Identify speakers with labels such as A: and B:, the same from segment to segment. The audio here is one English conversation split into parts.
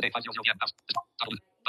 A: Save five zero zero. p m. Button.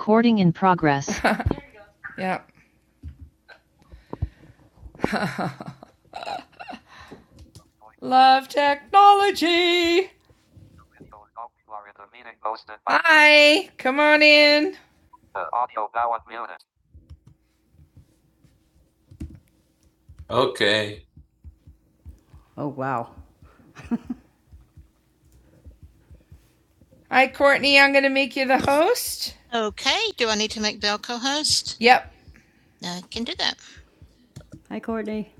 B: Recording in progress. Yeah. Love technology. Hi. Come on in. Okay. Oh, wow. Hi, Courtney. I'm going to make you the host. Yep. Hi, Courtney.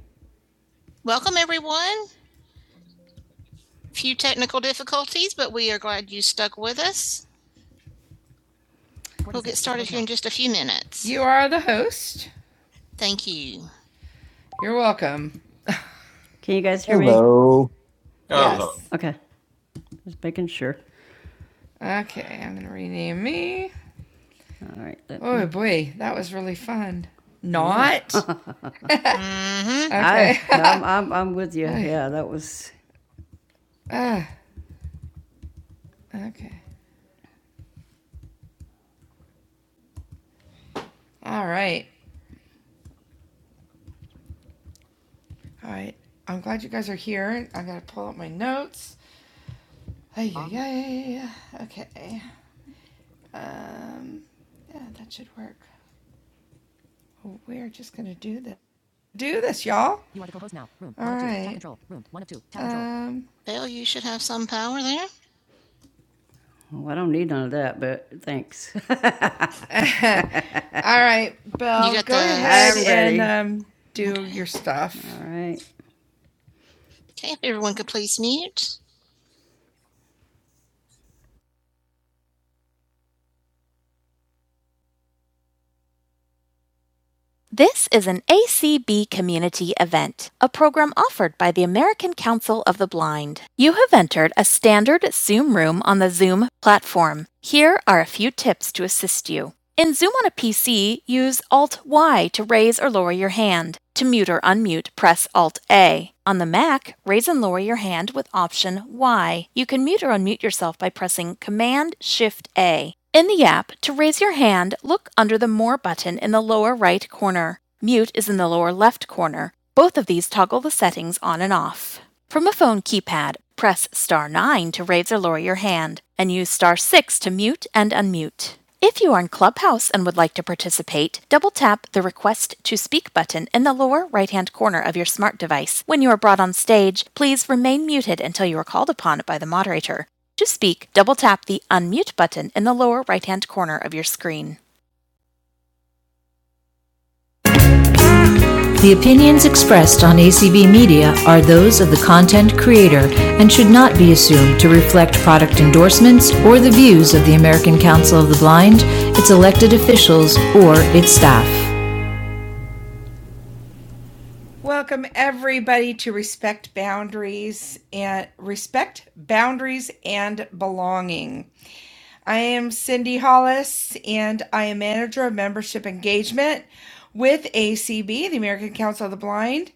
B: You are the host. You're welcome. Can you guys hear Hello. me? Hello. Yes. Okay. Just making sure. Okay. I'm going to rename me. All right. let- Oh, me. boy. That was really fun. Not. Okay. I, I'm, I'm, I'm with you. Yeah, that was. Ah, okay. All right. All right. I'm glad you guys are here. I'm gonna pull up my notes. Ay, ay, ay. Okay. Um, yeah, that should work. We're just gonna do this. Do this, y'all. Um, Well, I don't need none of that, but thanks. all right, Belle, and um, do your stuff. All right. This is an ACB community event, a program offered by the American Council of the Blind. You have entered a standard Zoom room on the Zoom platform. Here are a few tips to assist you. In Zoom on a PC, use Alt Y to raise or lower your hand. To mute or unmute, press Alt A. On the Mac, raise and lower your hand with Option Y. You can mute or unmute yourself by pressing Command Shift A. In the app, to raise your hand, look under the More button in the lower right corner. Mute is in the lower left corner. Both of these toggle the settings on and off. From a phone keypad, press star 9 to raise or lower your hand, and use star 6 to mute and unmute. If you are in Clubhouse and would like to participate, double tap the Request to Speak button in the lower right hand corner of your smart device. When you are brought on stage, please remain muted until you are called upon by the moderator. To speak, double tap the Unmute button in the lower right hand corner of your screen. The opinions expressed on ACB Media are those of the content creator and should not be assumed to reflect product endorsements or the views of the American Council of the Blind, its elected officials, or its staff. Welcome everybody to Respect Boundaries and Respect Boundaries and Belonging. I am Cindy Hollis and I am manager of membership engagement with ACB, the American Council of the Blind.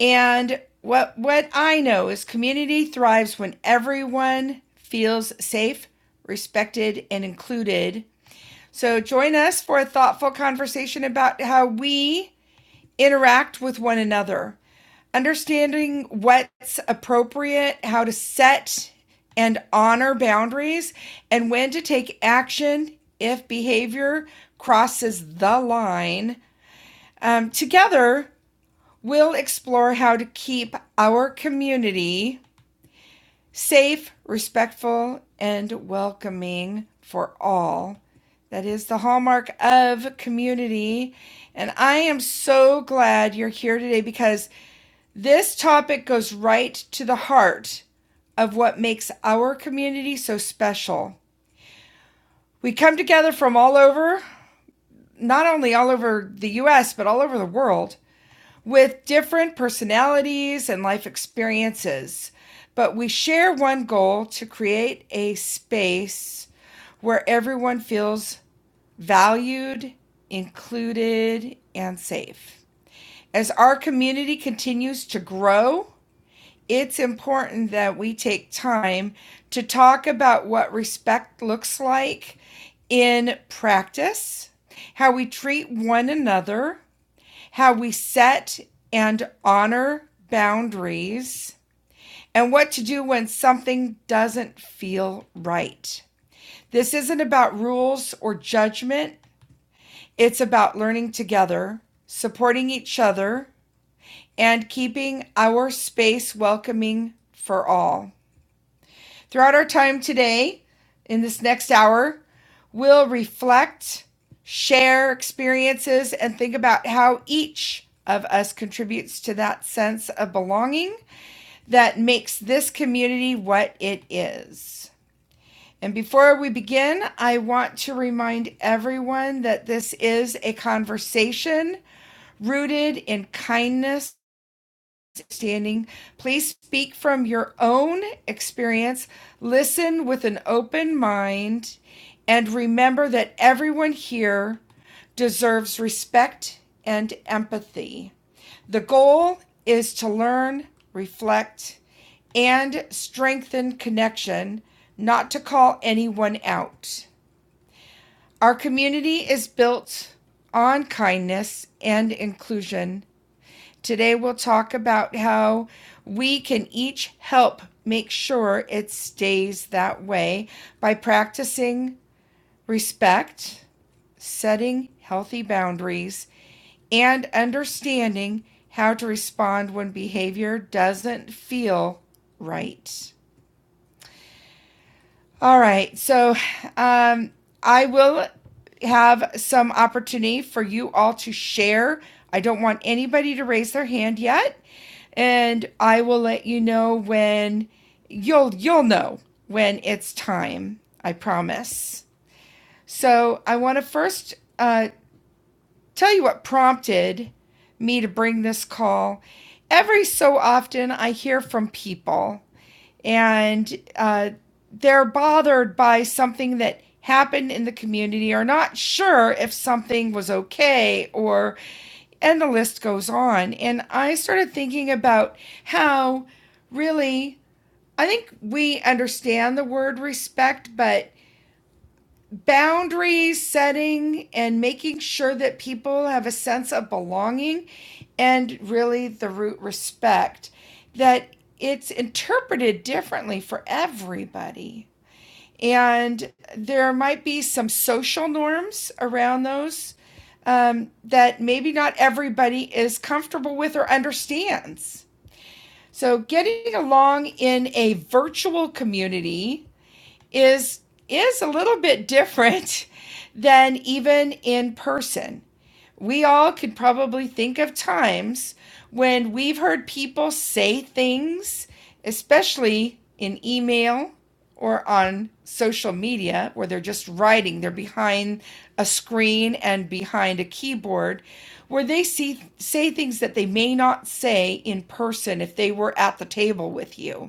B: And what what I know is community thrives when everyone feels safe, respected and included. So join us for a thoughtful conversation about how we interact with one another understanding what's appropriate, how to set and honor boundaries, and when to take action if behavior crosses the line. Um, together, we'll explore how to keep our community safe, respectful, and welcoming for all. That is the hallmark of community. And I am so glad you're here today because this topic goes right to the heart of what makes our community so special. We come together from all over, not only all over the US, but all over the world, with different personalities and life experiences. But we share one goal to create a space where everyone feels valued, included, and safe. As our community continues to grow, it's important that we take time to talk about what respect looks like in practice, how we treat one another, how we set and honor boundaries, and what to do when something doesn't feel right. This isn't about rules or judgment, it's about learning together, supporting each other, and keeping our space welcoming for all. Throughout our time today, in this next hour, we'll reflect, share experiences, and think about how each of us contributes to that sense of belonging that makes this community what it is. And before we begin, I want to remind everyone that this is a conversation rooted in kindness standing. Please speak from your own experience. Listen with an open mind. And remember that everyone here deserves respect and empathy. The goal is to learn, reflect, and strengthen connection, not to call anyone out. Our community is built on kindness and inclusion, Today we'll talk about how we can each help make sure it stays that way by practicing respect, setting healthy boundaries, and understanding how to respond when behavior doesn't feel right. All right. So um, I will have some opportunity for you all to share. I don't want anybody to raise their hand yet, and I will let you know when you'll you'll know when it's time. I promise. So I want to first uh, tell you what prompted me to bring this call. Every so often, I hear from people and uh, they're bothered by something that happened in the community or not sure if something was okay or and the list goes on and i started thinking about how really i think we understand the word respect but boundary setting and making sure that people have a sense of belonging and really the root respect that it's interpreted differently for everybody and there might be some social norms around those um, that maybe not everybody is comfortable with or understands so getting along in a virtual community is is a little bit different than even in person. We all could probably think of times when we've heard people say things, especially in email or on social media, where they're just writing, they're behind a screen and behind a keyboard, where they see, say things that they may not say in person if they were at the table with you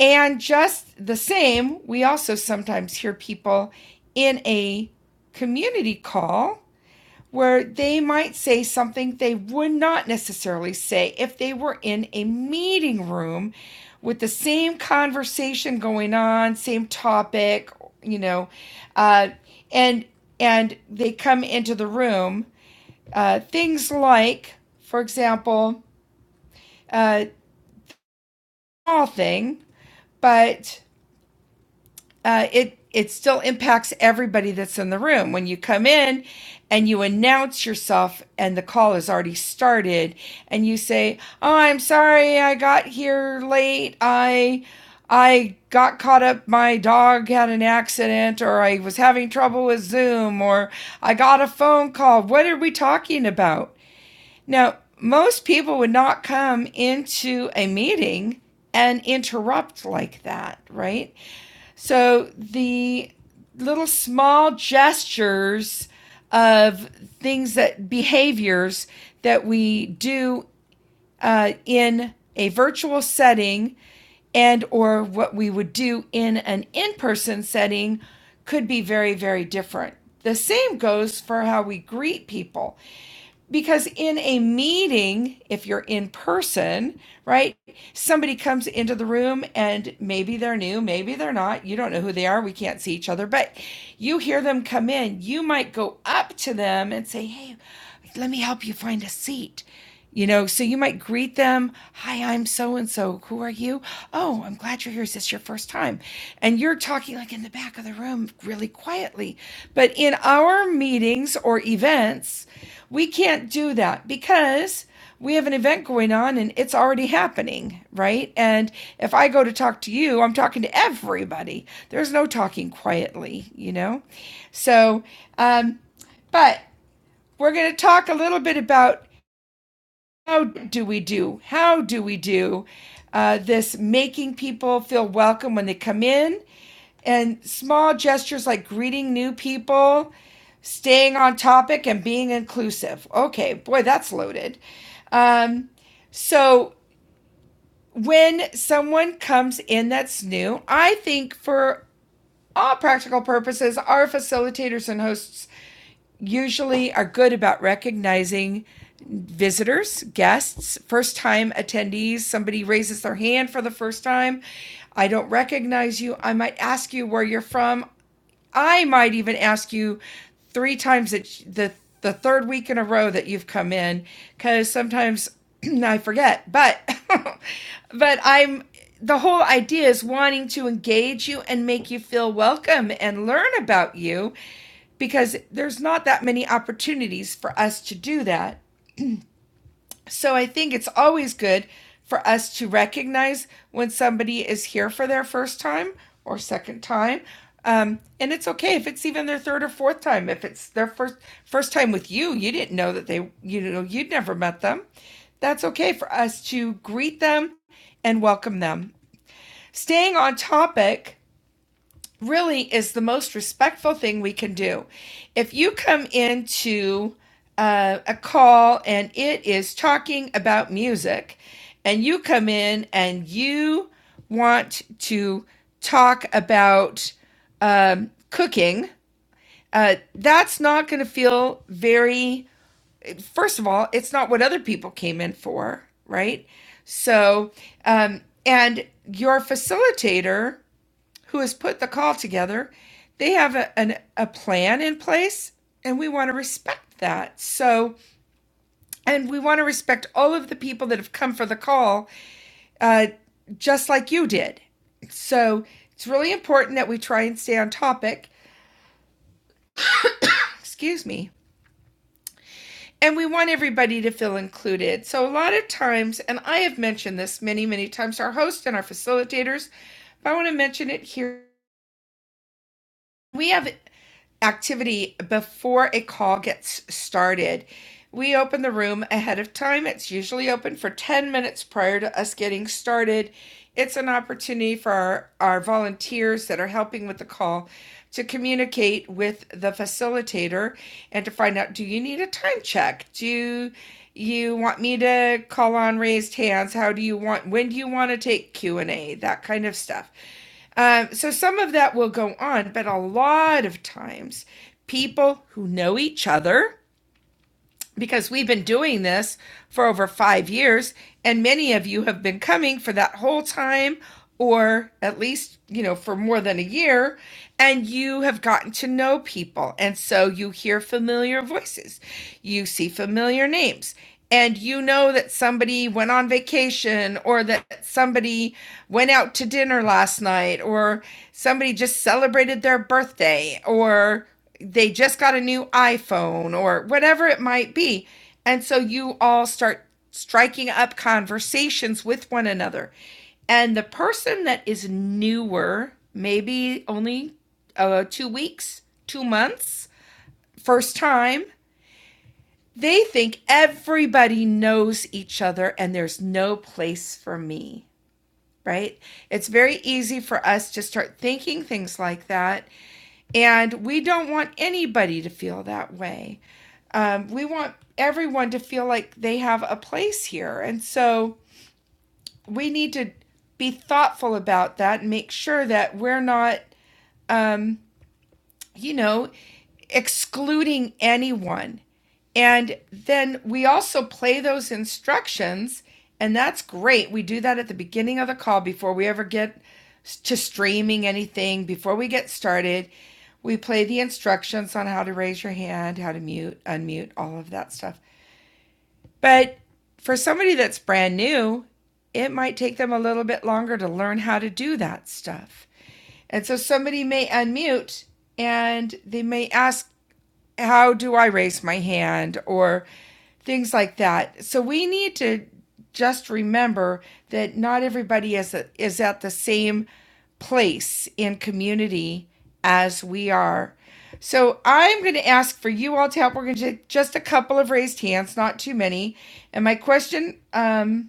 B: and just the same, we also sometimes hear people in a community call where they might say something they would not necessarily say if they were in a meeting room with the same conversation going on, same topic, you know, uh, and and they come into the room. Uh, things like, for example, a uh, small thing, but uh, it it still impacts everybody that's in the room when you come in and you announce yourself and the call has already started and you say oh i'm sorry i got here late i i got caught up my dog had an accident or i was having trouble with zoom or i got a phone call what are we talking about now most people would not come into a meeting and interrupt like that right so the little small gestures of things that behaviors that we do uh, in a virtual setting and or what we would do in an in-person setting could be very very different the same goes for how we greet people because in a meeting if you're in person right somebody comes into the room and maybe they're new maybe they're not you don't know who they are we can't see each other but you hear them come in you might go up to them and say hey let me help you find a seat you know, so you might greet them, Hi, I'm so and so. Who are you? Oh, I'm glad you're here. Is this your first time? And you're talking like in the back of the room really quietly. But in our meetings or events, we can't do that because we have an event going on and it's already happening, right? And if I go to talk to you, I'm talking to everybody. There's no talking quietly, you know? So, um, but we're going to talk a little bit about how do we do? How do we do? Uh, this making people feel welcome when they come in, and small gestures like greeting new people, staying on topic, and being inclusive. Okay, boy, that's loaded. Um, so when someone comes in that's new, I think for all practical purposes, our facilitators and hosts usually are good about recognizing visitors, guests, first time attendees. Somebody raises their hand for the first time. I don't recognize you. I might ask you where you're from. I might even ask you three times that the the third week in a row that you've come in because sometimes I forget. But but I'm the whole idea is wanting to engage you and make you feel welcome and learn about you because there's not that many opportunities for us to do that so I think it's always good for us to recognize when somebody is here for their first time or second time. Um, and it's okay if it's even their third or fourth time. If it's their first first time with you, you didn't know that they you know you'd never met them. That's okay for us to greet them and welcome them. Staying on topic, really is the most respectful thing we can do. If you come into uh, a call and it is talking about music, and you come in and you want to talk about um, cooking, uh, that's not going to feel very, first of all, it's not what other people came in for, right? So, um, and your facilitator who has put the call together, they have a, an, a plan in place, and we want to respect that. So, and we want to respect all of the people that have come for the call, uh, just like you did. So, it's really important that we try and stay on topic. Excuse me. And we want everybody to feel included. So, a lot of times, and I have mentioned this many, many times to our host and our facilitators, but I want to mention it here We have activity before a call gets started. We open the room ahead of time. It's usually open for 10 minutes prior to us getting started. It's an opportunity for our, our volunteers that are helping with the call to communicate with the facilitator and to find out do you need a time check? Do you want me to call on raised hands? How do you want when do you want to take Q&A? That kind of stuff. Um, so some of that will go on, but a lot of times people who know each other because we've been doing this for over five years, and many of you have been coming for that whole time, or at least, you know, for more than a year, and you have gotten to know people. And so you hear familiar voices, you see familiar names, and you know that somebody went on vacation, or that somebody went out to dinner last night, or somebody just celebrated their birthday, or they just got a new iPhone or whatever it might be. And so you all start striking up conversations with one another. And the person that is newer, maybe only uh, two weeks, two months, first time, they think everybody knows each other and there's no place for me, right? It's very easy for us to start thinking things like that. And we don't want anybody to feel that way. Um, we want everyone to feel like they have a place here. And so we need to be thoughtful about that and make sure that we're not, um, you know, excluding anyone. And then we also play those instructions, and that's great. We do that at the beginning of the call before we ever get to streaming anything, before we get started. We play the instructions on how to raise your hand, how to mute, unmute, all of that stuff. But for somebody that's brand new, it might take them a little bit longer to learn how to do that stuff. And so somebody may unmute and they may ask how do I raise my hand or things like that. So we need to just remember that not everybody is a, is at the same place in community as we are. So I'm going to ask for you all to help. We're going to take just a couple of raised hands, not too many. And my question um,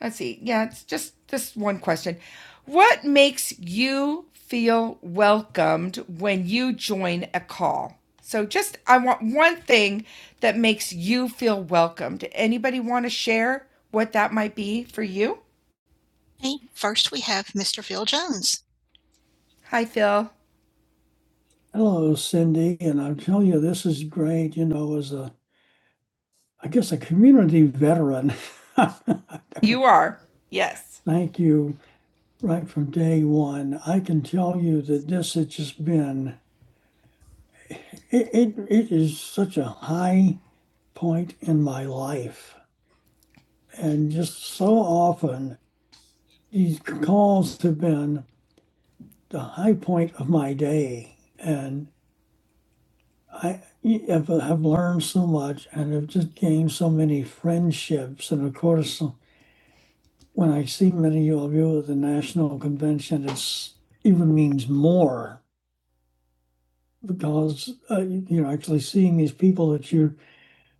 B: Let's see. Yeah, it's just this one question. What makes you feel welcomed when you join a call? So just I want one thing that makes you feel welcomed. Anybody want to share what that might be for you? Hi, Phil. Hello, Cindy, and I'm telling you, this is great. You know, as a, I guess, a community veteran, You are. Yes. thank you right from day one. I can tell you that this has just been It, it, it is such a high point in my life. And just so often, these calls have been the high point of my day. And I have, have learned so much and have just gained so many friendships. And of course, when I see many of you at the national convention, it's even means more because uh, you know actually seeing these people that you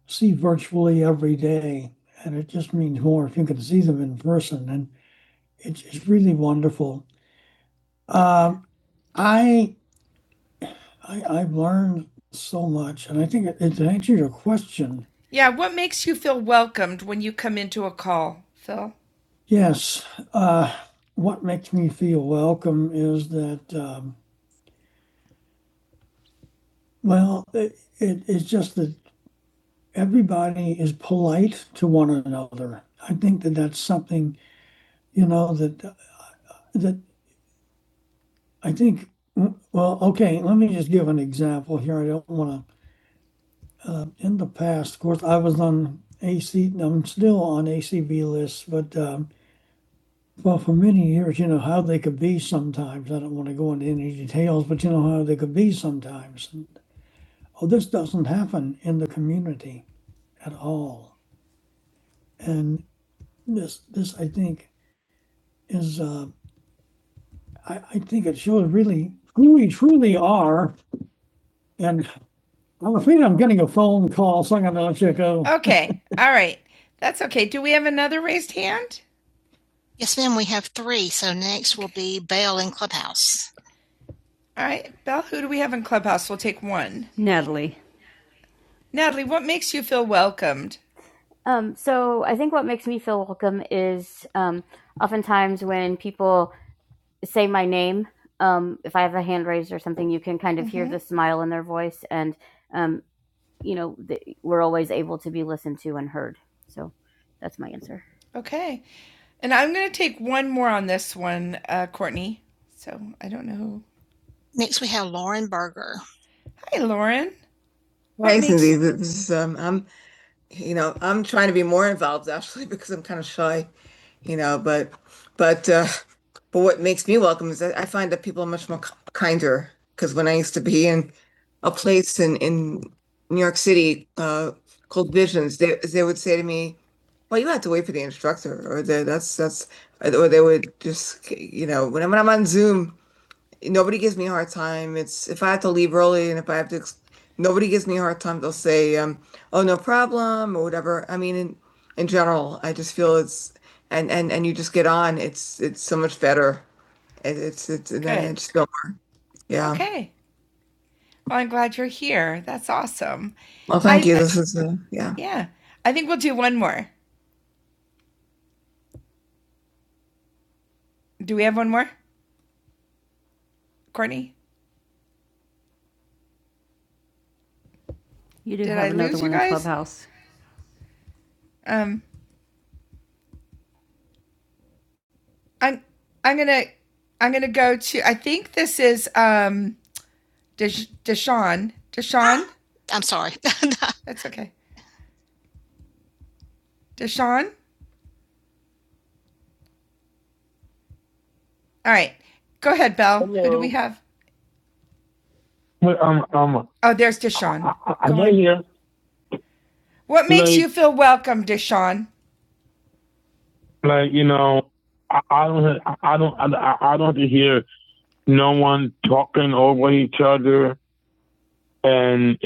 B: see virtually every day. And it just means more if you can see them in person. And it's, it's really wonderful. Uh, I, I, I've learned so much. And I think it, it's an your question. Yeah, what makes you feel welcomed when you come into a call, Phil? Yes. Uh, what makes me feel welcome is that, um, well, it, it, it's just that everybody is polite to one another. I think that that's something, you know, that that I think, well, okay, let me just give an example here. I don't want to, in the past, of course, I was on AC, I'm still on ACB lists, but um, well, for many years, you know, how they could be sometimes. I don't want to go into any details, but you know how they could be sometimes. And, oh, this doesn't happen in the community at all. And this, this, I think, is, uh, I, I think it shows really who we truly are and I'm afraid I'm getting a phone call, so I'm gonna let you go. Okay. All right. That's okay. Do we have another raised hand? All right. Belle, who do we have in Clubhouse? We'll take one. Natalie. Natalie, what makes you feel welcomed?
C: Um, so I think what makes me feel welcome is um, oftentimes when people say my name, um, if I have a hand raised or something, you can kind of hear the smile in their voice, and um, you know th- we're always able to be listened to and heard. So that's my answer.
B: Okay. And I'm going to take one more on this one, uh, Courtney. So I don't know. who- Hi, Lauren. Hi, Cindy. This is, um, I'm, you know, I'm trying to be more involved actually because I'm kind of shy. you know, but but uh, but what makes me welcome is that I find that people are much more kinder. Because when I used to be in a place in in New York City uh, called Visions, they they would say to me, "Well, you have to wait for the instructor," or the, "That's that's," or they would just you know, when I'm, when I'm on Zoom, nobody gives me a hard time. It's if I have to leave early and if I have to, ex- nobody gives me a hard time. They'll say, um, "Oh, no problem" or whatever. I mean, in in general, I just feel it's and and and you just get on. It's it's so much better. It, it's it's and I Good. just feel more. Yeah. Okay. Well, I'm glad you're here. That's awesome. Well, thank I, you. I This is uh, yeah. yeah. I think we'll do one more. Do we have one more, Courtney? You do Did have I another lose you one in guys? Clubhouse. Um. I'm I'm gonna I'm gonna go to I think this is um Deshawn. Deshawn. Deshaun? That's okay. Deshawn. All right. Go ahead, Belle. Hello. Who do we have? But um um Oh, there's Deshawn. I, I- I you What makes Hello. you feel welcome, Deshawn? like you know I, I don't I, don't I, I don't have to hear no one talking over each other and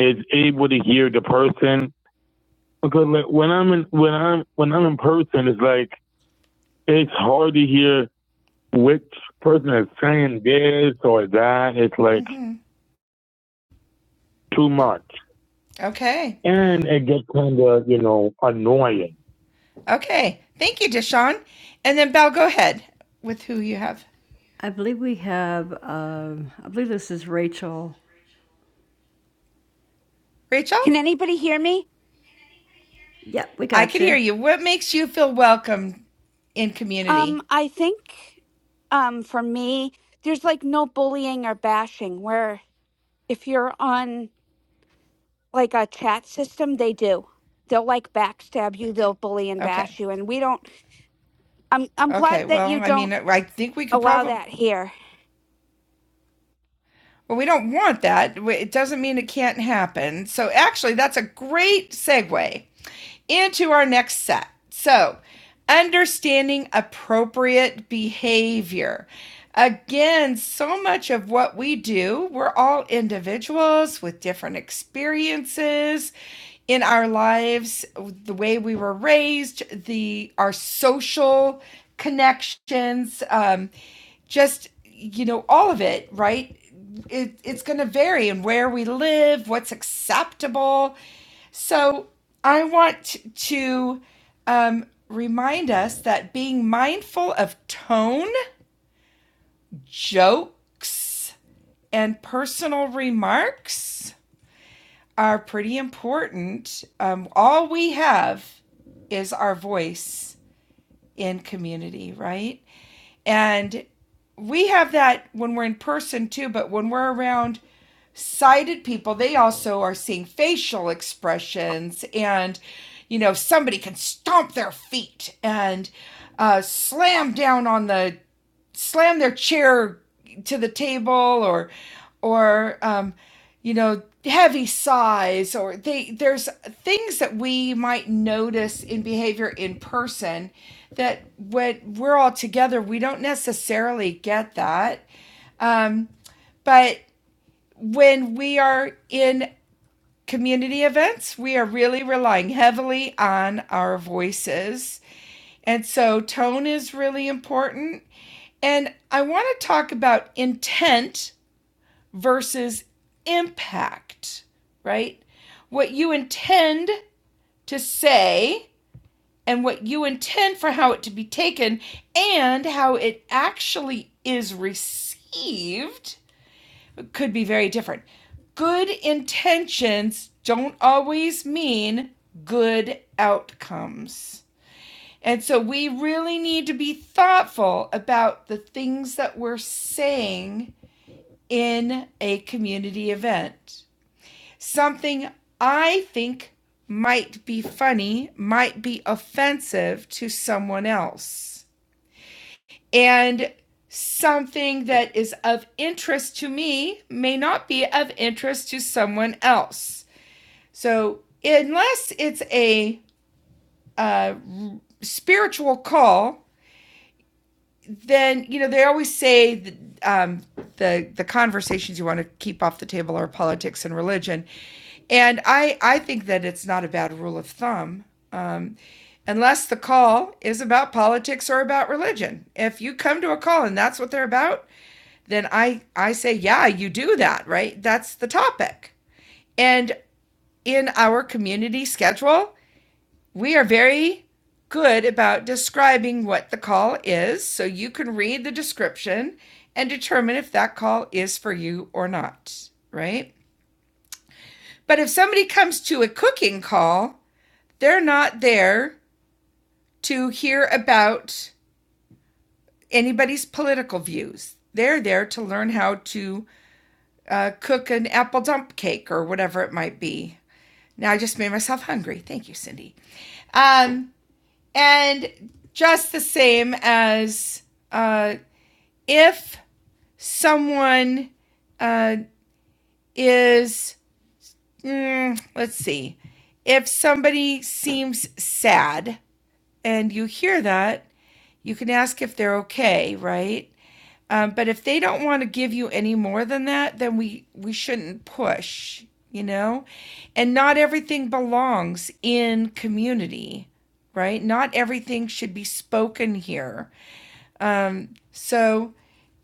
B: it's hard to hear which person is saying this or that. It's Okay. and it gets kind of you know ugly. Okay. Thank you, Deshaun. And then Belle, go ahead with who you have. I believe we have, um, I believe this is Rachel. Rachel,
D: Can anybody hear me?
B: Yep, we got. you. I got can you. hear you. What makes you feel welcome in community?
D: Um, I think um for me, there's like no bullying or bashing where if you're on like a chat system, they do. They'll like backstab you, they'll bully and
B: Okay.
D: bash you. And we don't I'm I'm
B: Okay.
D: glad that
B: Well,
D: you
B: I mean,
D: don't
B: I think we could
D: allow
B: probably
D: that here.
B: Well, we don't want that. It doesn't mean it can't happen. So, actually, that's a great segue into our next set. So, understanding appropriate behavior. Again, so much of what we do, we're all individuals with different experiences in our lives, the way we were raised, the our social connections. Um, just you know all of it right it, it's going to vary in where we live what's acceptable so i want to um, remind us that being mindful of tone jokes and personal remarks are pretty important um, all we have is our voice in community right And we have that when we're in person too, but when we're around sighted people, they also are seeing facial expressions and you know, somebody can stomp their feet and uh, slam down on the slam their chair to the table or or um, you know heavy sighs or they there's things that we might notice in behavior in person that when we're all together we don't necessarily get that um, but when we are in community events we are really relying heavily on our voices and so tone is really important and i want to talk about intent versus impact, right? What you intend to say and what you intend for how it to be taken and how it actually is received could be very different. Good intentions don't always mean good outcomes. And so we really need to be thoughtful about the things that we're saying in a community event. something I think might be funny, might be offensive to someone else. And something that is of interest to me may not be of interest to someone else. So, unless it's a uh, spiritual call, then you know they always say that, um, the the conversations you want to keep off the table are politics and religion, and I I think that it's not a bad rule of thumb. Um, Unless the call is about politics or about religion. If you come to a call and that's what they're about, then I, I say, yeah, you do that, right? That's the topic. And in our community schedule, we are very good about describing what the call is, so you can read the description and determine if that call is for you or not, right? But if somebody comes to a cooking call, they're not there to hear about anybody's political views. They're there to learn how to uh, cook an apple dump cake or whatever it might be. Now I just made myself hungry. Thank you, Cindy. Um, And just the same as uh, if someone uh, is, mm, let's see, if somebody seems sad and you hear that, you can ask if they're okay, right? Um, but if they don't want to give you any more than that, then we we shouldn't push, you know. And not everything belongs in community, right? Not everything should be spoken here. Um, so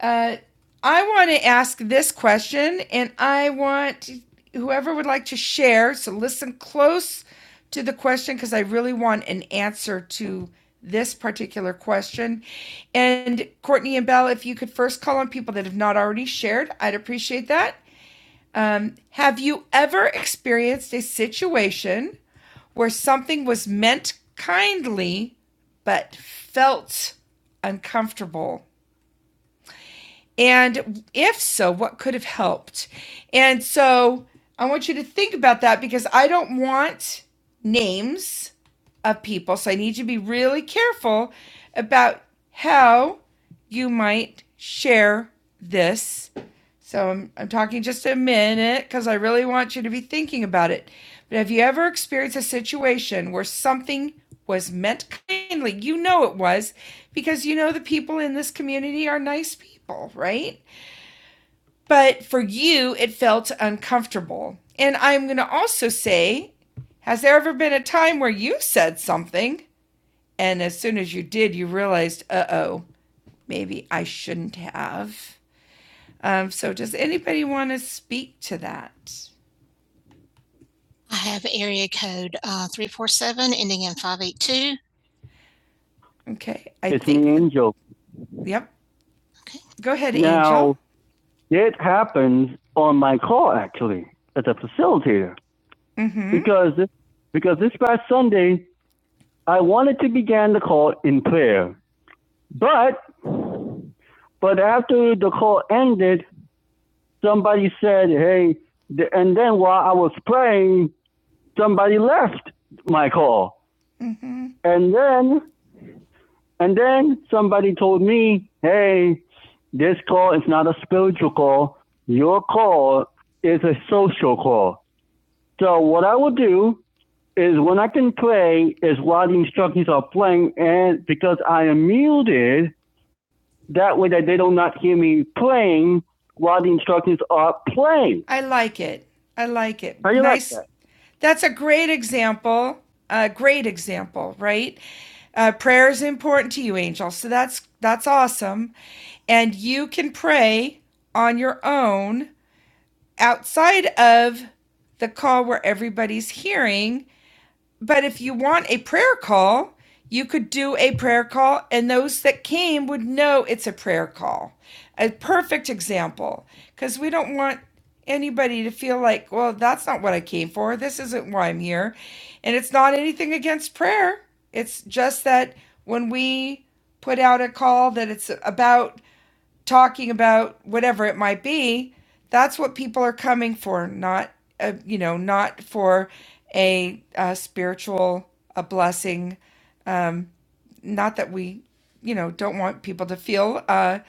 B: uh, I want to ask this question, and I want whoever would like to share, so listen close to the question because I really want an answer to this particular question. And Courtney and Belle, if you could first call on people that have not already shared, I'd appreciate that. Um, have you ever experienced a situation where something was meant kindly but felt uncomfortable? And if so, what could have helped? And so I want you to think about that because I don't want names of people. So I need you to be really careful about how you might share this so I'm, I'm talking just a minute because I really want you to be thinking about it. But have you ever experienced a situation where something was meant kindly? You know it was because you know the people in this community are nice people, right? But for you, it felt uncomfortable. And I'm going to also say, has there ever been a time where you said something and as soon as you did, you realized, uh oh, maybe I shouldn't have? Um, so does anybody want to speak to that? Okay. I it's think, an angel. yep. Go ahead, now, Angel. Now, it happens on my call, actually, as a facilitator. Mm-hmm. because because this past Sunday I wanted to begin the call in prayer, but but after the call ended, somebody said, "Hey," and then while I was praying, somebody left my call, Mm-hmm. and then And then somebody told me, hey, this call is not a spiritual call. Your call is a social call. So what I will do is when I can play is while the instructions are playing and because I am muted, that way that they do not hear me playing while the instructions are playing. I like it. I like it. How you like nice, that? That's a great example. A great example, right? Uh, prayer is important to you, angel. So that's that's awesome, and you can pray on your own outside of the call where everybody's hearing but if you want a prayer call, you could do a prayer call, and those that came would know it's a prayer call. A perfect example, because we don't want anybody to feel like, well, that's not what I came for. This isn't why I'm here. And it's not anything against prayer. It's just that when we put out a call that it's about talking about whatever it might be, that's what people are coming for, not a, you know, not for a, uh spiritual a blessing. Um, not that we, you know, don't want people to feel uh,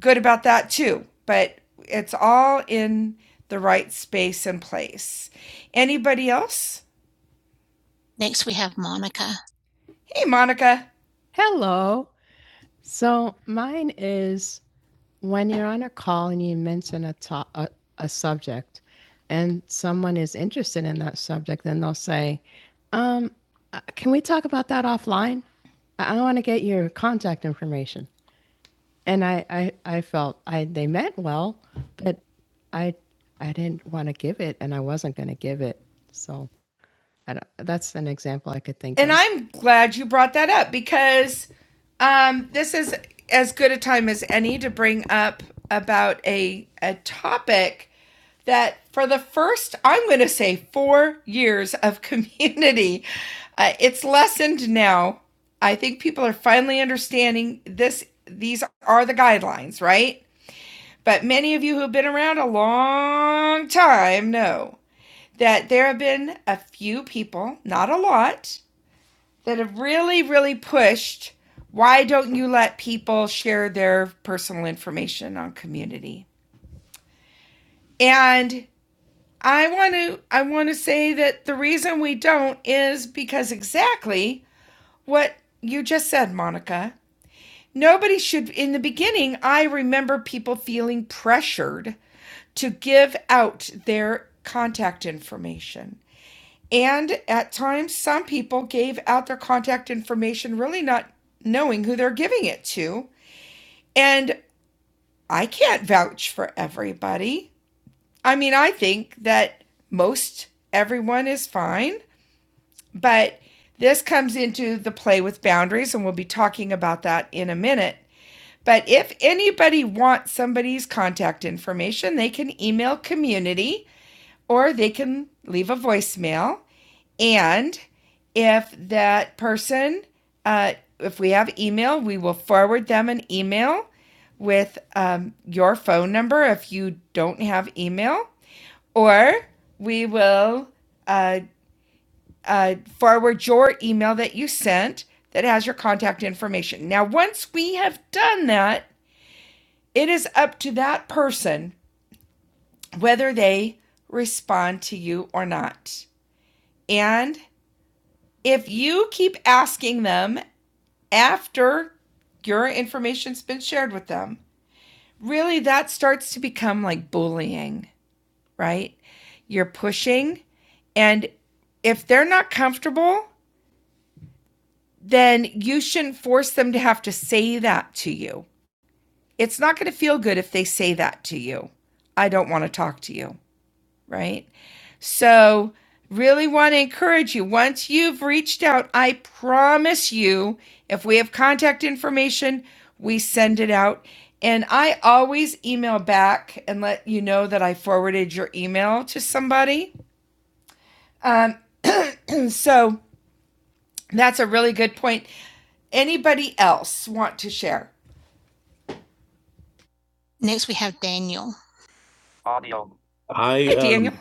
B: good about that too, but it's all in the right space and place. Anybody else? Hey, Monica. Hello. And I'm glad you brought that up because um, this is as good a time as any to bring up about a a topic that for the first I'm going to say 4 years of community uh, it's lessened now. I think people are finally understanding this these are the guidelines, right? But many of you who have been around a long time know that there have been a few people, not a lot, that have really, really pushed why don't you let people share their personal information on community? And I want to I want to say that the reason we don't is because exactly what you just said, Monica. Nobody should in the beginning I remember people feeling pressured to give out their contact information. And at times, some people gave out their contact information really not knowing who they're giving it to. And I can't vouch for everybody. I mean, I think that most everyone is fine, but this comes into the play with boundaries, and we'll be talking about that in a minute. But if anybody wants somebody's contact information, they can email community or they can leave a voicemail. And if that person, uh, if we have email, we will forward them an email with um, your phone number if you don't have email, or we will uh, uh, forward your email that you sent that has your contact information. Now, once we have done that, it is up to that person whether they respond to you or not. And if you keep asking them after your information's been shared with them, really that starts to become like bullying, right? You're pushing, and if they're not comfortable, then you shouldn't force them to have to say that to you. It's not going to feel good if they say that to you. I don't want to talk to you. right? So, really want to encourage you once you've reached out, I promise you, if we have contact information, we send it out. And I always email back and let you know that I forwarded your email to somebody. Um, so, that's a really good point. Anybody else want to share? Audio. I Hey, Daniel. um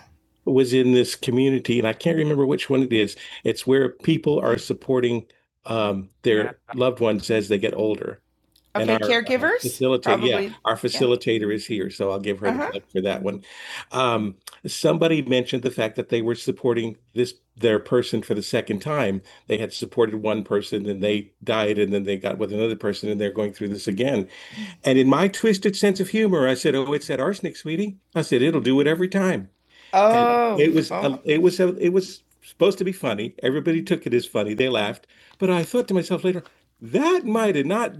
B: there says they get older and Okay, and our uh, caregivers? Uh, facilitator yeah our Yeah. facilitator is I'll give her Uh-huh. credit for that one the fact that they I said it'll do. Oh, and it was oh, everybody took left. Did not.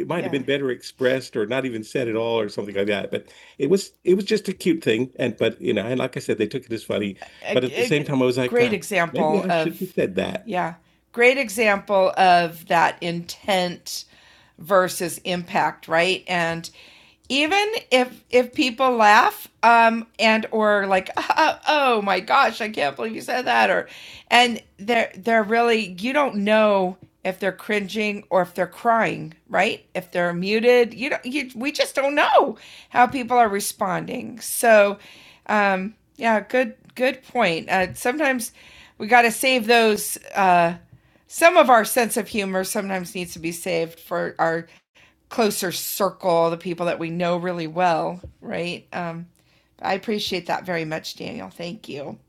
B: It might yeah. have Yeah. been better expressed or not even said at all or something like that. But it was it was just a cute thing. And but you know, and like I said, they took it as funny. But at a, the same time, I was like, great "God, example maybe I of should have said that. yeah, great example of that intent versus impact, right? And even if if people laugh um and or like oh, oh my gosh i can't believe you said that or and they're they're really you don't know if they're cringing or if they're crying right if they're muted you don't you we just don't know how people are responding so um yeah good good point uh sometimes we got to save those uh, some of our sense of humor sometimes needs to be saved for our closer circle, the people that we know really well, right? Um, I appreciate that very much, Daniel. Thank you.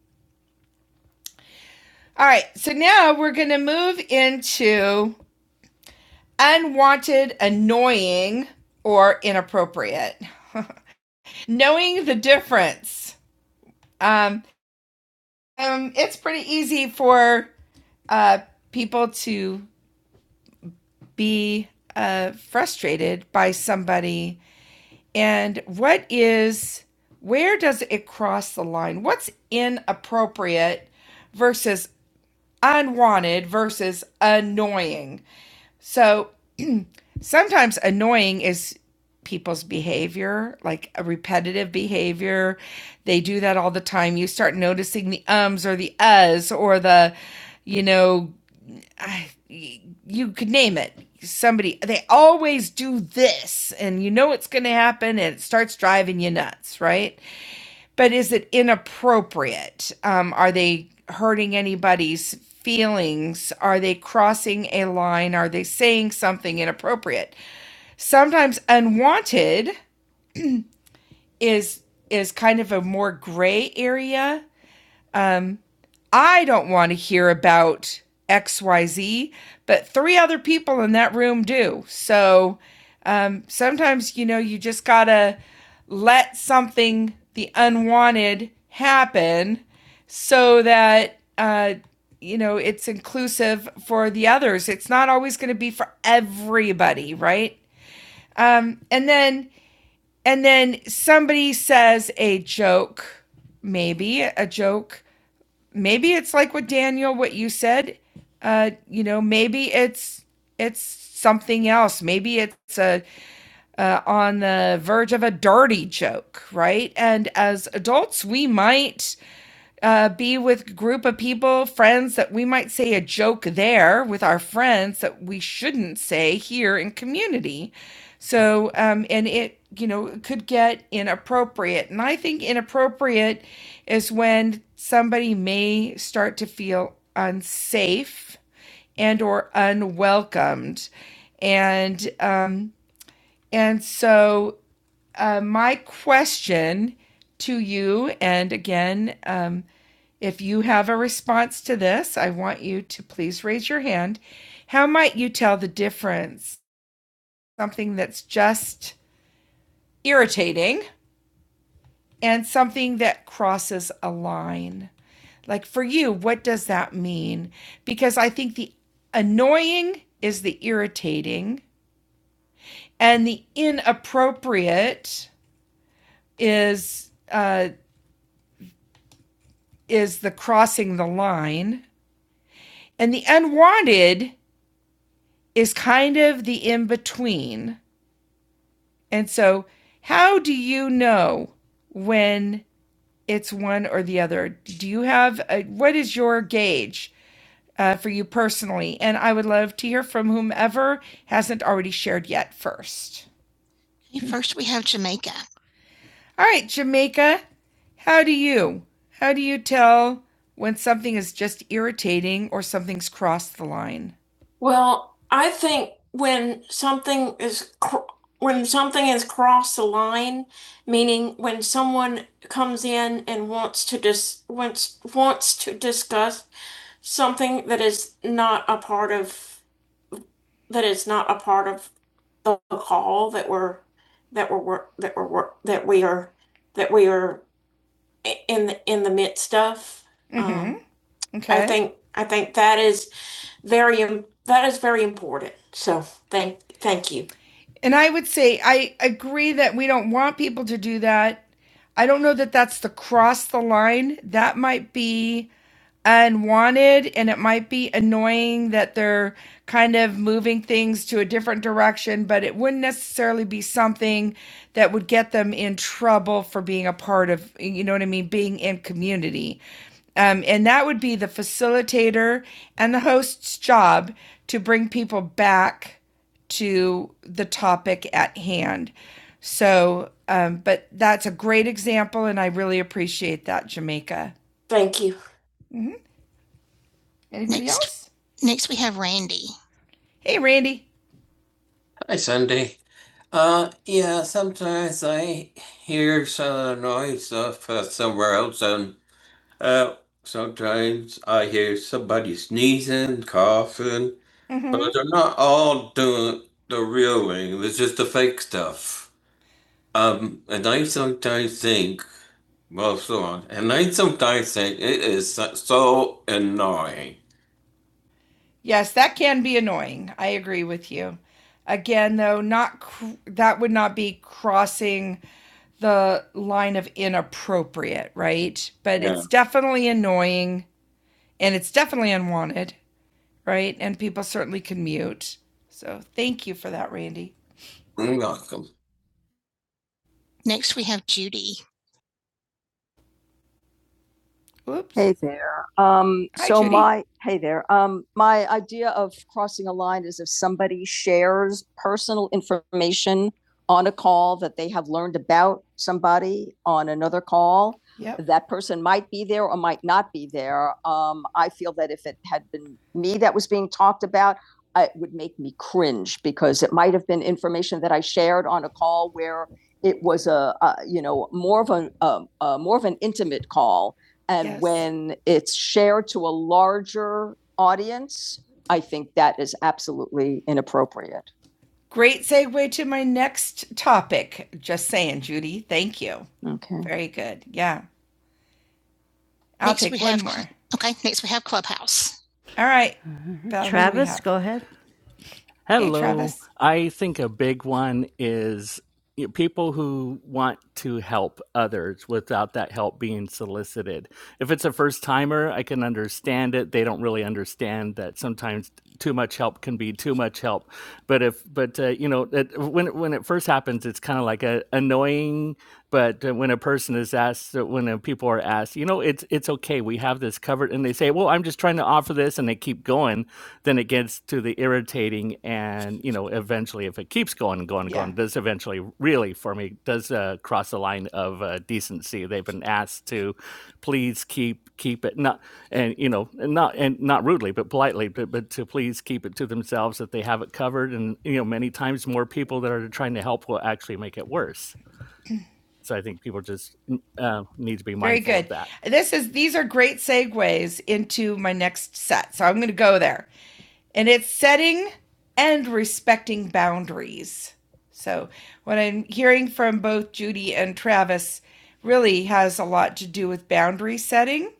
B: All right, so now we're going to move into unwanted, annoying, or inappropriate. Knowing the difference. Um, um, it's pretty easy for uh, people to be uh, frustrated by somebody And what is, where does it cross the line? What's inappropriate versus unwanted versus annoying? So sometimes annoying is people's behavior, like a repetitive behavior. They do that all the time. You start noticing the ums or the uhs or the, you know, I- you could name it. Somebody, they always do this, and you know it's going to happen, and it starts driving you nuts, right? But is it inappropriate? Um, are they hurting anybody's feelings? Are they crossing a line? Are they saying something inappropriate? Sometimes unwanted is is kind of a more gray area I don't want to hear about XYZ, but three other people in that room do. So um, sometimes, you know, you just got to let something, the unwanted, happen so that, uh, you know, it's inclusive for the others. It's not always going to be for everybody, right? Um, and then, and then somebody says a joke, maybe a joke maybe it's like what Daniel, what you said. Uh, you know, maybe it's it's something else. Maybe it's a uh, on the verge of a dirty joke, right? And as adults, we might uh, be with group of people, friends that we might say a joke there with our friends that we shouldn't say here in community. So, um, and it, you know, it could get inappropriate. And I think inappropriate is when somebody may start to feel unsafe and or unwelcomed. And um, and so uh, my question to you, and again, um, if you have a response to this, I want you to please raise your hand. How might you tell the difference? Something that's just irritating and something that crosses a line. Like for you, what does that mean? Because I think the annoying is the irritating, and the inappropriate is uh, is the crossing the line, and the unwanted is kind of the in between. And so, how do you know when it's one or the other? Do you have a, what is your gauge uh, for you personally? And I would love to hear from whomever hasn't already shared yet first. All right, Jamaica, how do you? How do you tell when something is just irritating or something's crossed the line? Well, I think when something is cr- when something crossed the line, meaning when one come in and that is not a part of the call or that we're work that we're work that we are that we i- in the in the midst of. hmm Um, okay. I Okay. think I think that is very that is very important. So thank thank you. And I would say I agree that we don't want people to do that. I don't know that that's the cross the line. That might be unwanted and it might be annoying that they're kind of moving things to a different direction, but it wouldn't necessarily be something that would get them in trouble for being a part of, you know what I mean, being in community. Um, and that would be the facilitator and the host's job to bring people back to the topic at hand. So, um, but that's a great example, and I really appreciate that, Jamaica. Mhm. Hey, Randy. Hi, Sunday. Uh, yeah, sometimes I hear some noise of uh, somewhere else, and uh, sometimes I hear somebody sneezing, coughing, Mhm. but they're not all doing the real thing. It's just the fake stuff. Um, and I sometimes think Well, sure. And I sometimes think it is so- so annoying. Yes, that can be annoying. I agree with you. Again, though, not cr- that would not be crossing the line of inappropriate, right? But Yeah. it's definitely annoying and it's definitely unwanted, right? And people certainly can mute. So, thank you for that, Randy. You're welcome. Oops. Hey, um, Hi, so Judy. my my idea of crossing a line is if somebody shares personal information on a call that they have learned about somebody on another call, Yep. that person might be there and Yes. when appropriate. Great segue to my next topic. Just saying, Judy. Thank you. Mm. Very good. Yeah. All right. Val, who do Travis, go ahead. Hey,
E: Hello.
B: Travis.
E: I think a big one is you know, people who want to help others without that help being solicited. If it's a first timer, I can understand it. They don't really understand that sometimes too much help can be too much help but if but uh, you know it, when when it first happens it's kind of like a annoying but uh, when a person is asked uh, when uh, people are asked you know it's it's okay we have this covered and they say well i'm just trying to offer this and they keep going then it gets to the irritating and you know eventually if it keeps going going
B: Yeah.
E: going this eventually really for me does uh, cross the line of uh, decency they've been asked to please keep keep it not and you know not and not rudely but politely but, but to please keep it to themselves that they have it covered and you know many times more people that are trying to help will actually make it worse so i think people just mm, uh, need to be
B: Very
E: mindful
B: good.
E: of that
B: This is these are great segues into my next set. So I'm going to go there. And it's setting and respecting boundaries. So what I'm hearing from both Judy and Travis really has a lot to do with boundary setting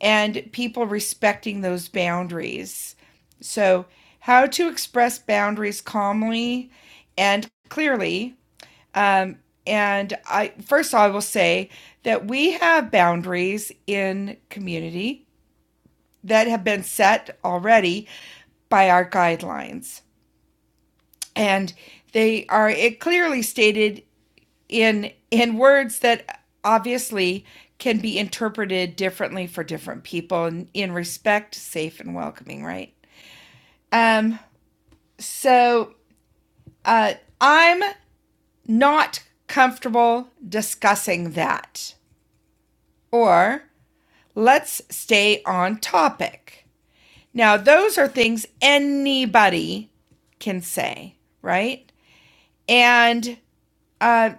B: and people respecting those boundaries. So how to express boundaries calmly and clearly um, and I first I will say that we have boundaries in community that have been set already by our guidelines, and they are it clearly stated in in words that obviously can be interpreted differently for different people in, in respect safe and welcoming right um so uh i'm not comfortable discussing that or Let's stay on topic. Now, those are things anybody can say, right? And uh,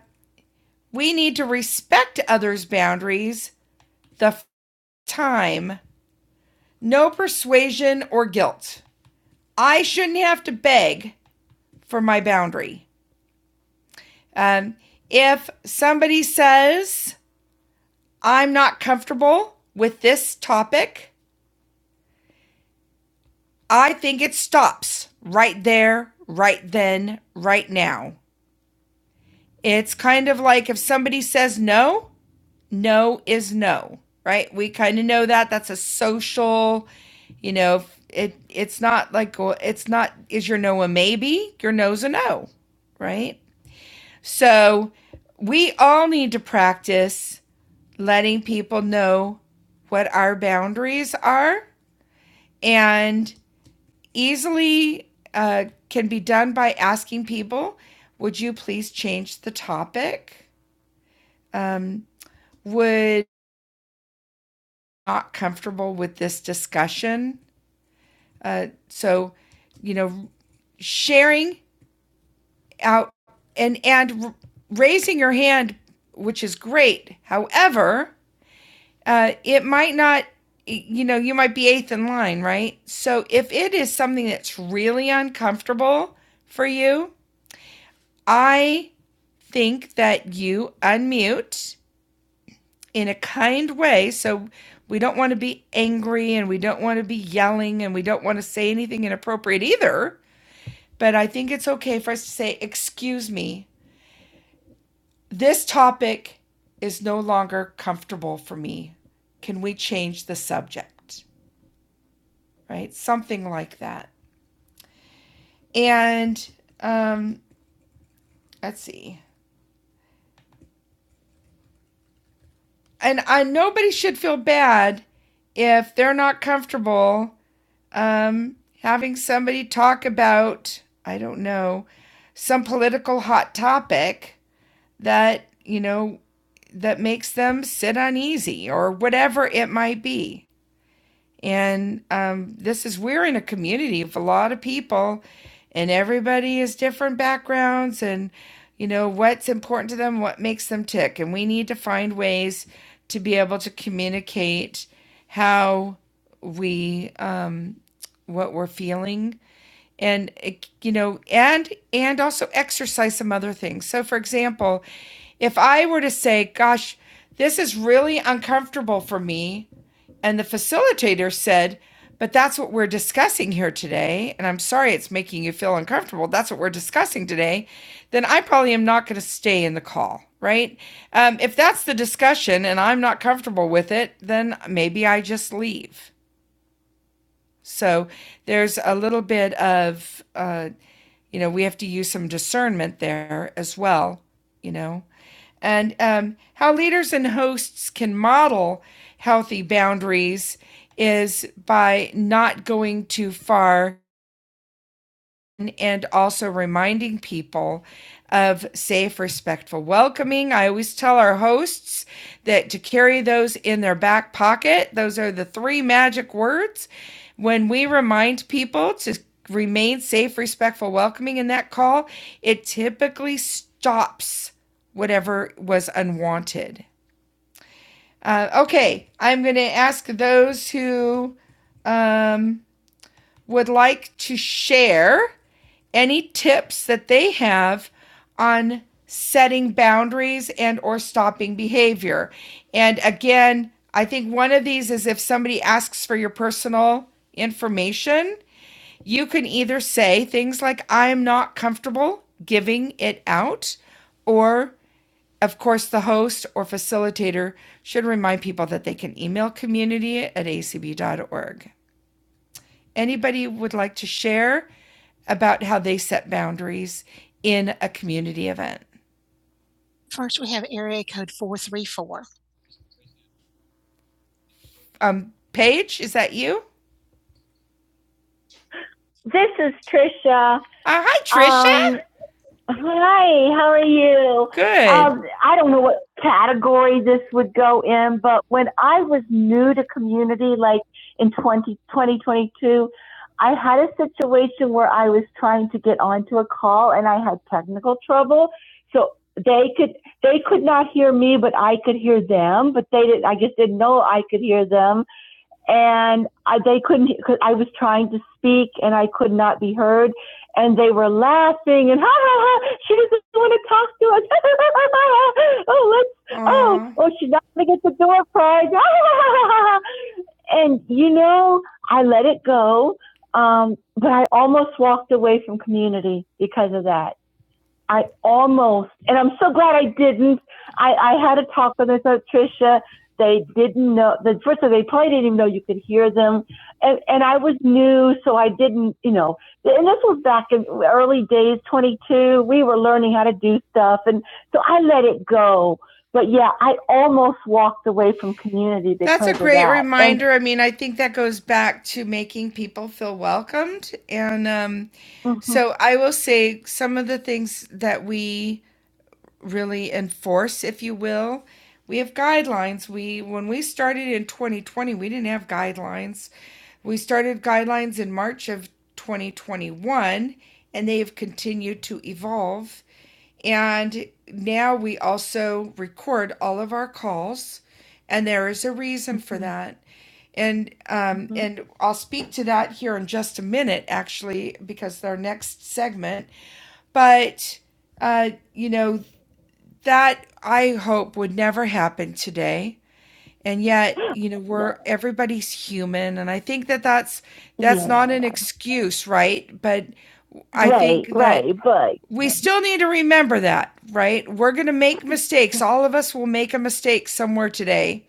B: we need to respect others' boundaries the f- time. No persuasion or guilt. I shouldn't have to beg for my boundary. Um, if somebody says, I'm not comfortable with this topic, I think it stops right there, right then, right now. It's kind of like if somebody says no, no is no, right? We kind of know that. That's a social, you know, it it's not like well, it's not is your no a maybe? Your no's a no, right? So we all need to practice letting people know what our boundaries are and easily uh, can be done by asking people, would you please change the topic? Um, would not comfortable with this discussion. Uh, so, you know, sharing out and and raising your hand, which is great. However, uh, it might not. You know, you might be eighth in line, right? So, if it is something that's really uncomfortable for you, I think that you unmute in a kind way. So we don't want to be angry and we don't want to be yelling and we don't want to say anything inappropriate either. But I think it's okay for us to say, Excuse me, this topic is no longer comfortable for me. Can we change the subject? Right? Something like that. And um, let's see. And I, nobody should feel bad if they're not comfortable um, having somebody talk about, I don't know, some political hot topic that, you know, that makes them sit uneasy or whatever it might be. And um, this is, we're in a community of a lot of people, and everybody has different backgrounds and, you know, what's important to them, what makes them tick. And we need to find ways to be able to communicate how we, um, what we're feeling and it- you know and and also exercise some other things so for example if i were to say gosh this is really uncomfortable for me and the facilitator said, But that's what we're discussing here today. And I'm sorry it's making you feel uncomfortable. That's what we're discussing today. Then I probably am not going to stay in the call, right? Um, if that's the discussion and I'm not comfortable with it, then maybe I just leave. So there's a little bit of, uh, you know, we have to use some discernment there as well, you know, and um, how leaders and hosts can model healthy boundaries is by not going too far and also reminding people of safe, respectful welcoming. I always tell our hosts that to carry those in their back pocket, those are the three magic words. When we remind people to remain safe, respectful, welcoming in that call, it typically stops whatever was unwanted. Uh, okay, I'm going to ask those who um, would like to share any tips that they have on setting boundaries and or stopping behavior. And again, I think one of these is if somebody asks for your personal information, you can either say things like I'm not comfortable giving it out or of course the host or facilitator should remind people that they can email community at acb dot org. Anybody would like to share about how they set boundaries in a community event? Um, Paige, is that you? This is Tricia. Uh, hi, Tricia. Um, Hi, how are you? Good. Um, I don't know what category this would go in, but when I was new to community, like in 20, 2022, I had a situation where I was trying to get onto a call and I had technical trouble. So they could they could not hear me, but I could hear them. But they did not I just didn't know I could hear them and I, they couldn't. Cause I was trying to speak, and I could not be heard. And they were laughing and ha ha ha. She doesn't want to talk to us. oh, let's. uh-huh. Oh, oh, she's not gonna get the door prize. and you know, I let it go. Um, but I almost walked away from community because of that. I almost, and I'm so glad I didn't. I, I had a talk with her, so Tricia, they didn't know, the, first of all, they probably didn't even know you could hear them. And, and I was new, so I didn't, you know, and this was back in early days, 22. We were learning how to do stuff. And so I let it go. But yeah, I almost walked away from community. Because That's a of great of that. And reminder. And, I mean, I think that goes back to making people feel welcomed and um, Mm-hmm. So I will say some of the things that we really enforce, if you will. We have guidelines. We when we started in 2020, we didn't have guidelines. We started guidelines in March of 2021 and they have continued to evolve and now we also record all of our calls, and there is a reason for that. And um, Mhm. and I'll speak to that here in just a minute, actually, because our next segment. But uh, you know that I hope would never happen today. And yet, you know, Yeah. we're everybody's human, and I think that that's that's Yeah. not an excuse, right? But I right, think right, but we still need to remember that, right? We're going to make mistakes. All of us will make a mistake somewhere today.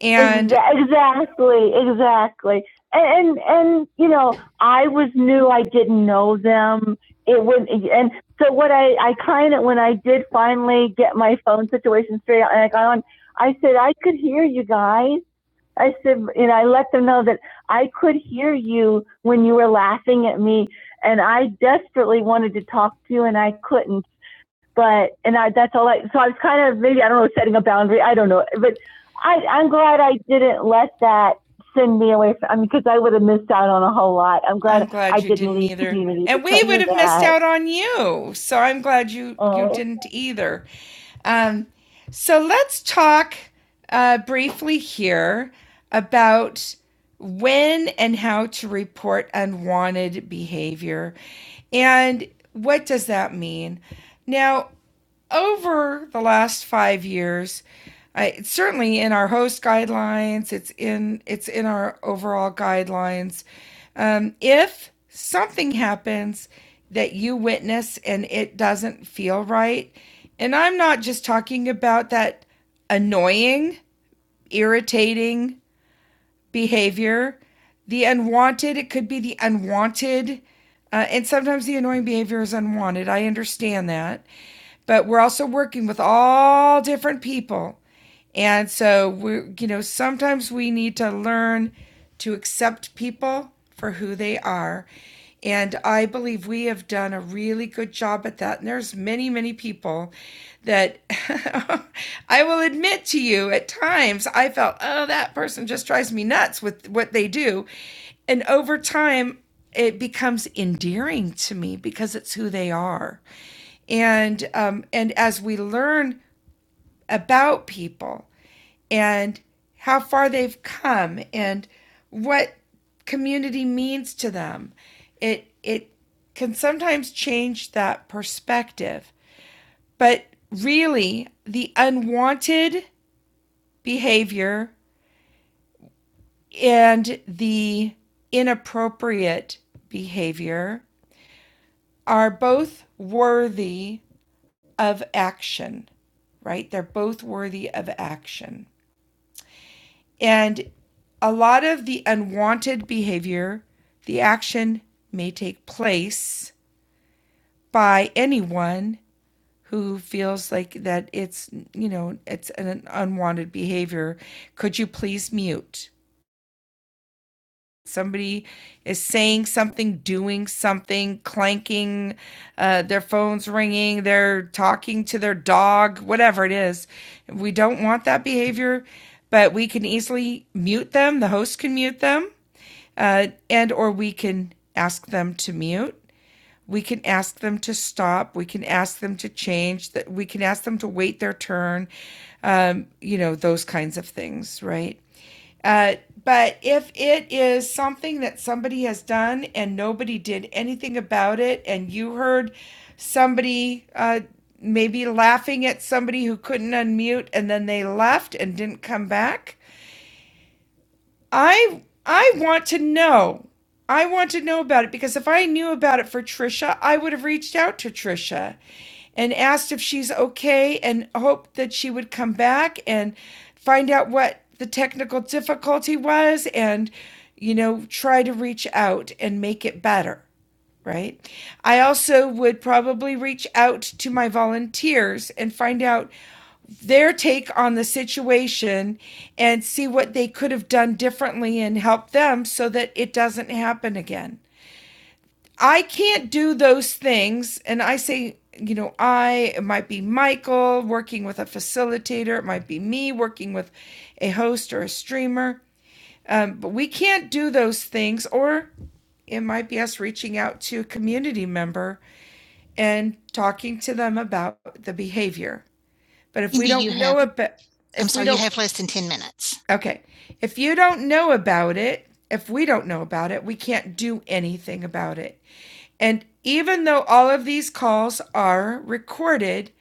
B: And exactly, exactly. And, and and you know, I was new. I didn't know them. It would, and so what I I kind of when I did finally get my phone situation straight and I got on, I said I could hear you guys, I said, you know, I let them know that I could hear you when you were laughing at me, and I desperately wanted to talk to you, and I couldn't. But and I that's all I. So I was kind of maybe I don't know setting a boundary. I don't know, but I, I'm glad I didn't let that send me away from. I mean, because I would have missed out on a whole lot. I'm glad, I'm glad I you didn't need either. And we would have missed out on you. So I'm glad you oh. you Oh, didn't either. Um, so let's talk uh, briefly here about when and how to report unwanted behavior and what does that mean now over the last five years, I, it's certainly in our host guidelines, it's in it's in our overall guidelines. Um, if something happens that you witness and it doesn't feel right, and I'm not just talking about that annoying, irritating behavior, the unwanted, it could be the unwanted. Uh, and sometimes the annoying behavior is unwanted. I understand that. But we're also working with all different people. And so we you know, sometimes we need to learn to accept people for who they are. And I believe we have done a really good job at that. And there's many, many people that I will admit to you at times I felt, oh, that person just drives me nuts with what they do. And over time, it becomes endearing to me because it's who they are. And um, and as we learn about people and how far they've come and what community means to them. It it can sometimes change that perspective. But really, the unwanted behavior and the inappropriate behavior are both worthy of action, right? They're both worthy of action. And a lot of the unwanted behavior, the action may take place by anyone who feels like that it's, you know, it's an unwanted behavior. Could you please mute? Somebody is saying something, doing something, clanking, uh, their phone's ringing, they're talking to their dog, whatever it is. We don't want that behavior, but we can easily mute them. The host can mute them uh, and or we can ask them to mute we can ask them to stop we can ask them to change that we can ask them to wait their turn um, you know those kinds of things right uh, but if it is something that somebody has done and nobody did anything about it and you heard somebody uh, maybe laughing at somebody who couldn't unmute and then they left and didn't come back I I want to know. I want to know about it because if I knew about it for Trisha, I would have reached out to Trisha and asked if she's okay and hoped that she would come back and find out what the technical difficulty was and you know try to reach out and make it better right? I also would probably reach out to my volunteers and find out their take on the situation and see what they could have done differently and help them so that it doesn't happen again. I can't do those things. And I say, you know, I, it might be Michael working with a facilitator, it might be me working with a host or a streamer. Um, but we can't do those things, or it might be us reaching out to a community member and talking to them about the behavior. But if, Okay. If you don't know about it, if we don't know about it, we can't do anything about it. And even though all of these calls are recorded,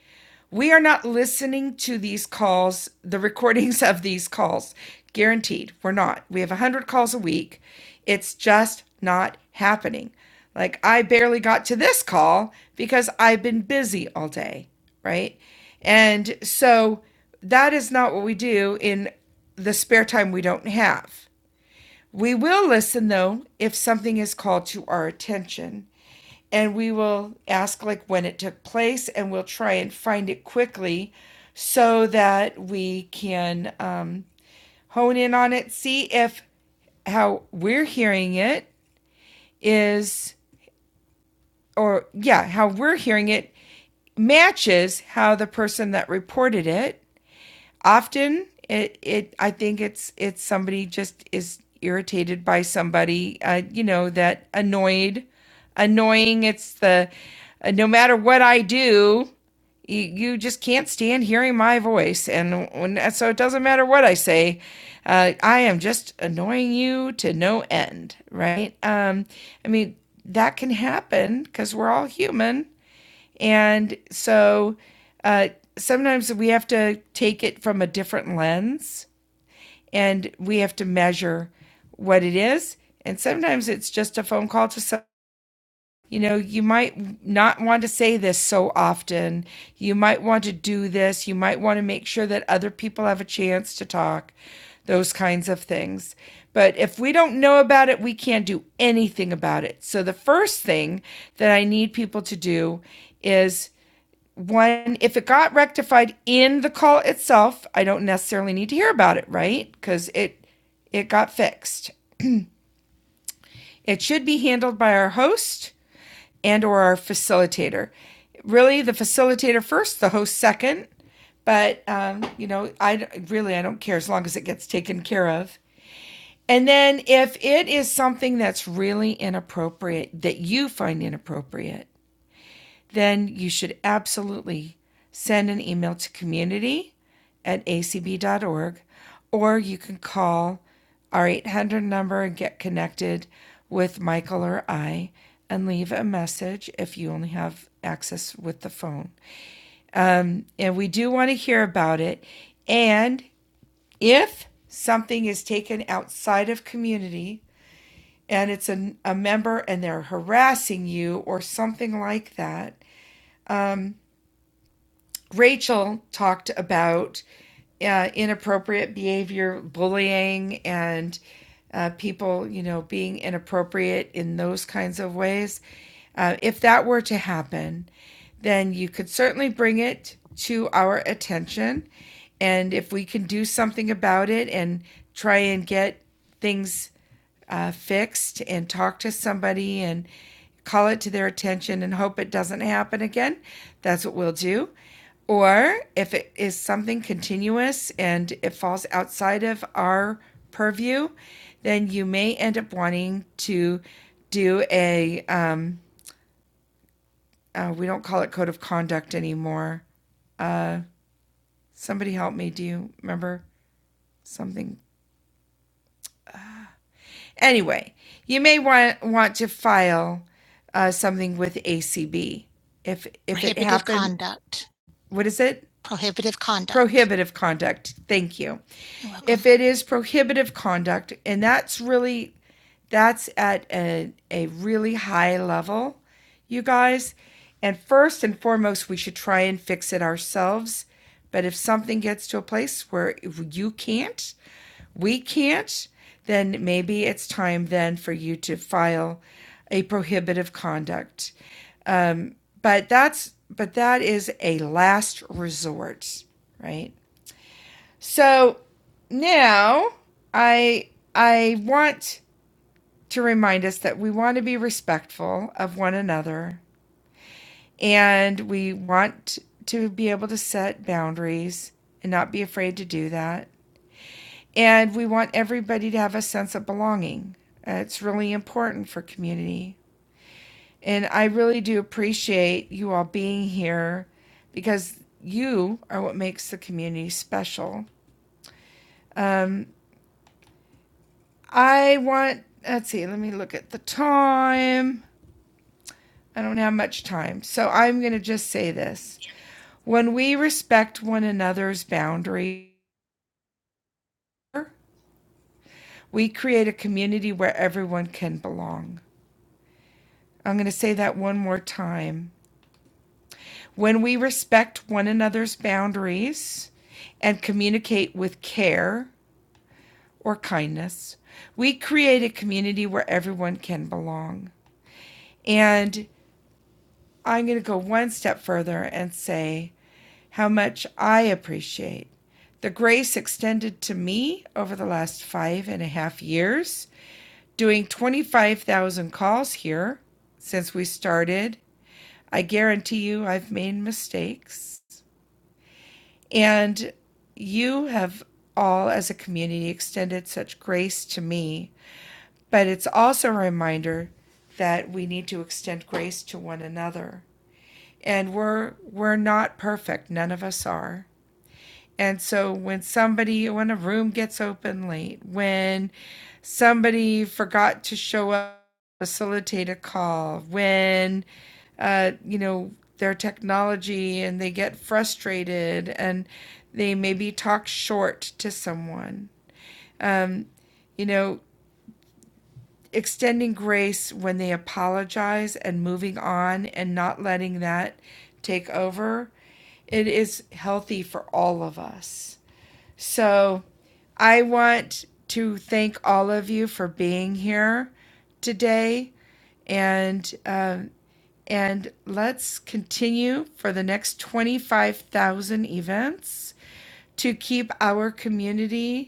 B: we are not listening to these calls, the recordings of these calls. Guaranteed, we're not. We have 100 calls a week. It's just not happening. Like, I barely got to this call because I've been busy all day, right? And so that is not what we do in the spare time we don't have. We will listen though if something is called to our attention and we will ask like when it took place and we'll try and find it quickly so that we can um, hone in on it, see if how we're hearing it is, or yeah, how we're hearing it matches how the person that reported it often it it I think it's it's somebody just is irritated by somebody uh, you know that annoyed annoying it's the uh, no matter what I do you, you just can't stand hearing my voice and when, so it doesn't matter what i say uh, i am just annoying you to no end right um, i mean that can happen because we're all human and so uh, sometimes we have to take it from a different lens and we have to measure what it is. And sometimes it's just a phone call to some, you know, you might not want to say this so often. You might want to do this. You might want to make sure that other people have a chance to talk, those kinds of things. But if we don't know about it, we can't do anything about it. So the first thing that I need people to do is one, if it got rectified in the call itself, I don't necessarily need to hear about it, right? Because it it got fixed. It should be handled by our host and or our facilitator. Really, the facilitator first, the host second. But um, you know, I really I don't care as long as it gets taken care of. And then if it is something that's really inappropriate that you find inappropriate, then you should absolutely send an email to community at acb.org or you can call our 800 number and get connected with Michael or I and leave a message if you only have access with the phone. And we do want to hear about it. And if something is taken outside of community and it's a, a member and they're harassing you or something like that, Rachel talked about uh, inappropriate behavior, bullying, and uh, people, you know, being inappropriate in those kinds of ways. Uh, if that were to happen, then you could certainly bring it to our attention. And if we can do something about it and try and get things uh, fixed and talk to somebody and call it to their attention and hope it doesn't happen again, that's what we'll do. Or if it is something continuous and it falls outside of our purview, then you may end up wanting to do a, um, uh, we don't call it code of conduct anymore. Somebody help me. Do you remember something? Anyway, you may want, want to file uh, something with ACB if if what is it? Prohibitive conduct. Thank you. If it is prohibitive conduct, and that's really that's at a, a really high level, you guys. And first and foremost, we should try and fix it ourselves. But if something gets to a place where you can't, we can't, then maybe it's time then for you to file a prohibitive conduct but that's but that is a last resort, right? So now I I want to remind us that we want to be respectful of one another and we want to be able to set boundaries and not be afraid to do that. And we want everybody to have a sense of belonging. Uh, it's really important for community. And I really do appreciate you all being here because you are what makes the community special. Um, I want, let's see, let me look at the time. I don't have much time. So I'm going to just say this. When we respect one another's boundaries, we create a community where everyone can belong. I'm going to say that one more time. When we respect one another's boundaries and communicate with care, or kindness. We create a community where everyone can belong. And I'm going to go one step further and say how much I appreciate the grace extended to me over the last five and a half years, doing 25,000 calls here since we started. I guarantee you I've made mistakes. And you have all, as a community, extended such grace to me But it's also a reminder that we need to extend grace to one another. And we're we're not perfect. None of us are. And so when somebody when a room gets open late, when somebody forgot to show up facilitate a call, when uh, you know, their technology and they get frustrated and they maybe talk short to someone. You know, extending grace when they apologize and moving on and not letting that take over. It is healthy for all of us. So I want to thank all of you for being here today and um, and let's continue for the next 25,000 events to keep our community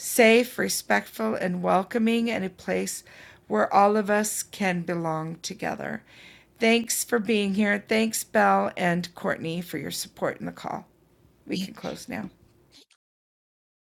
B: safe, respectful, and welcoming, and a place where all of us can belong together. Thanks for being here. Thanks, Belle and Courtney, for your support in the call. We can close now.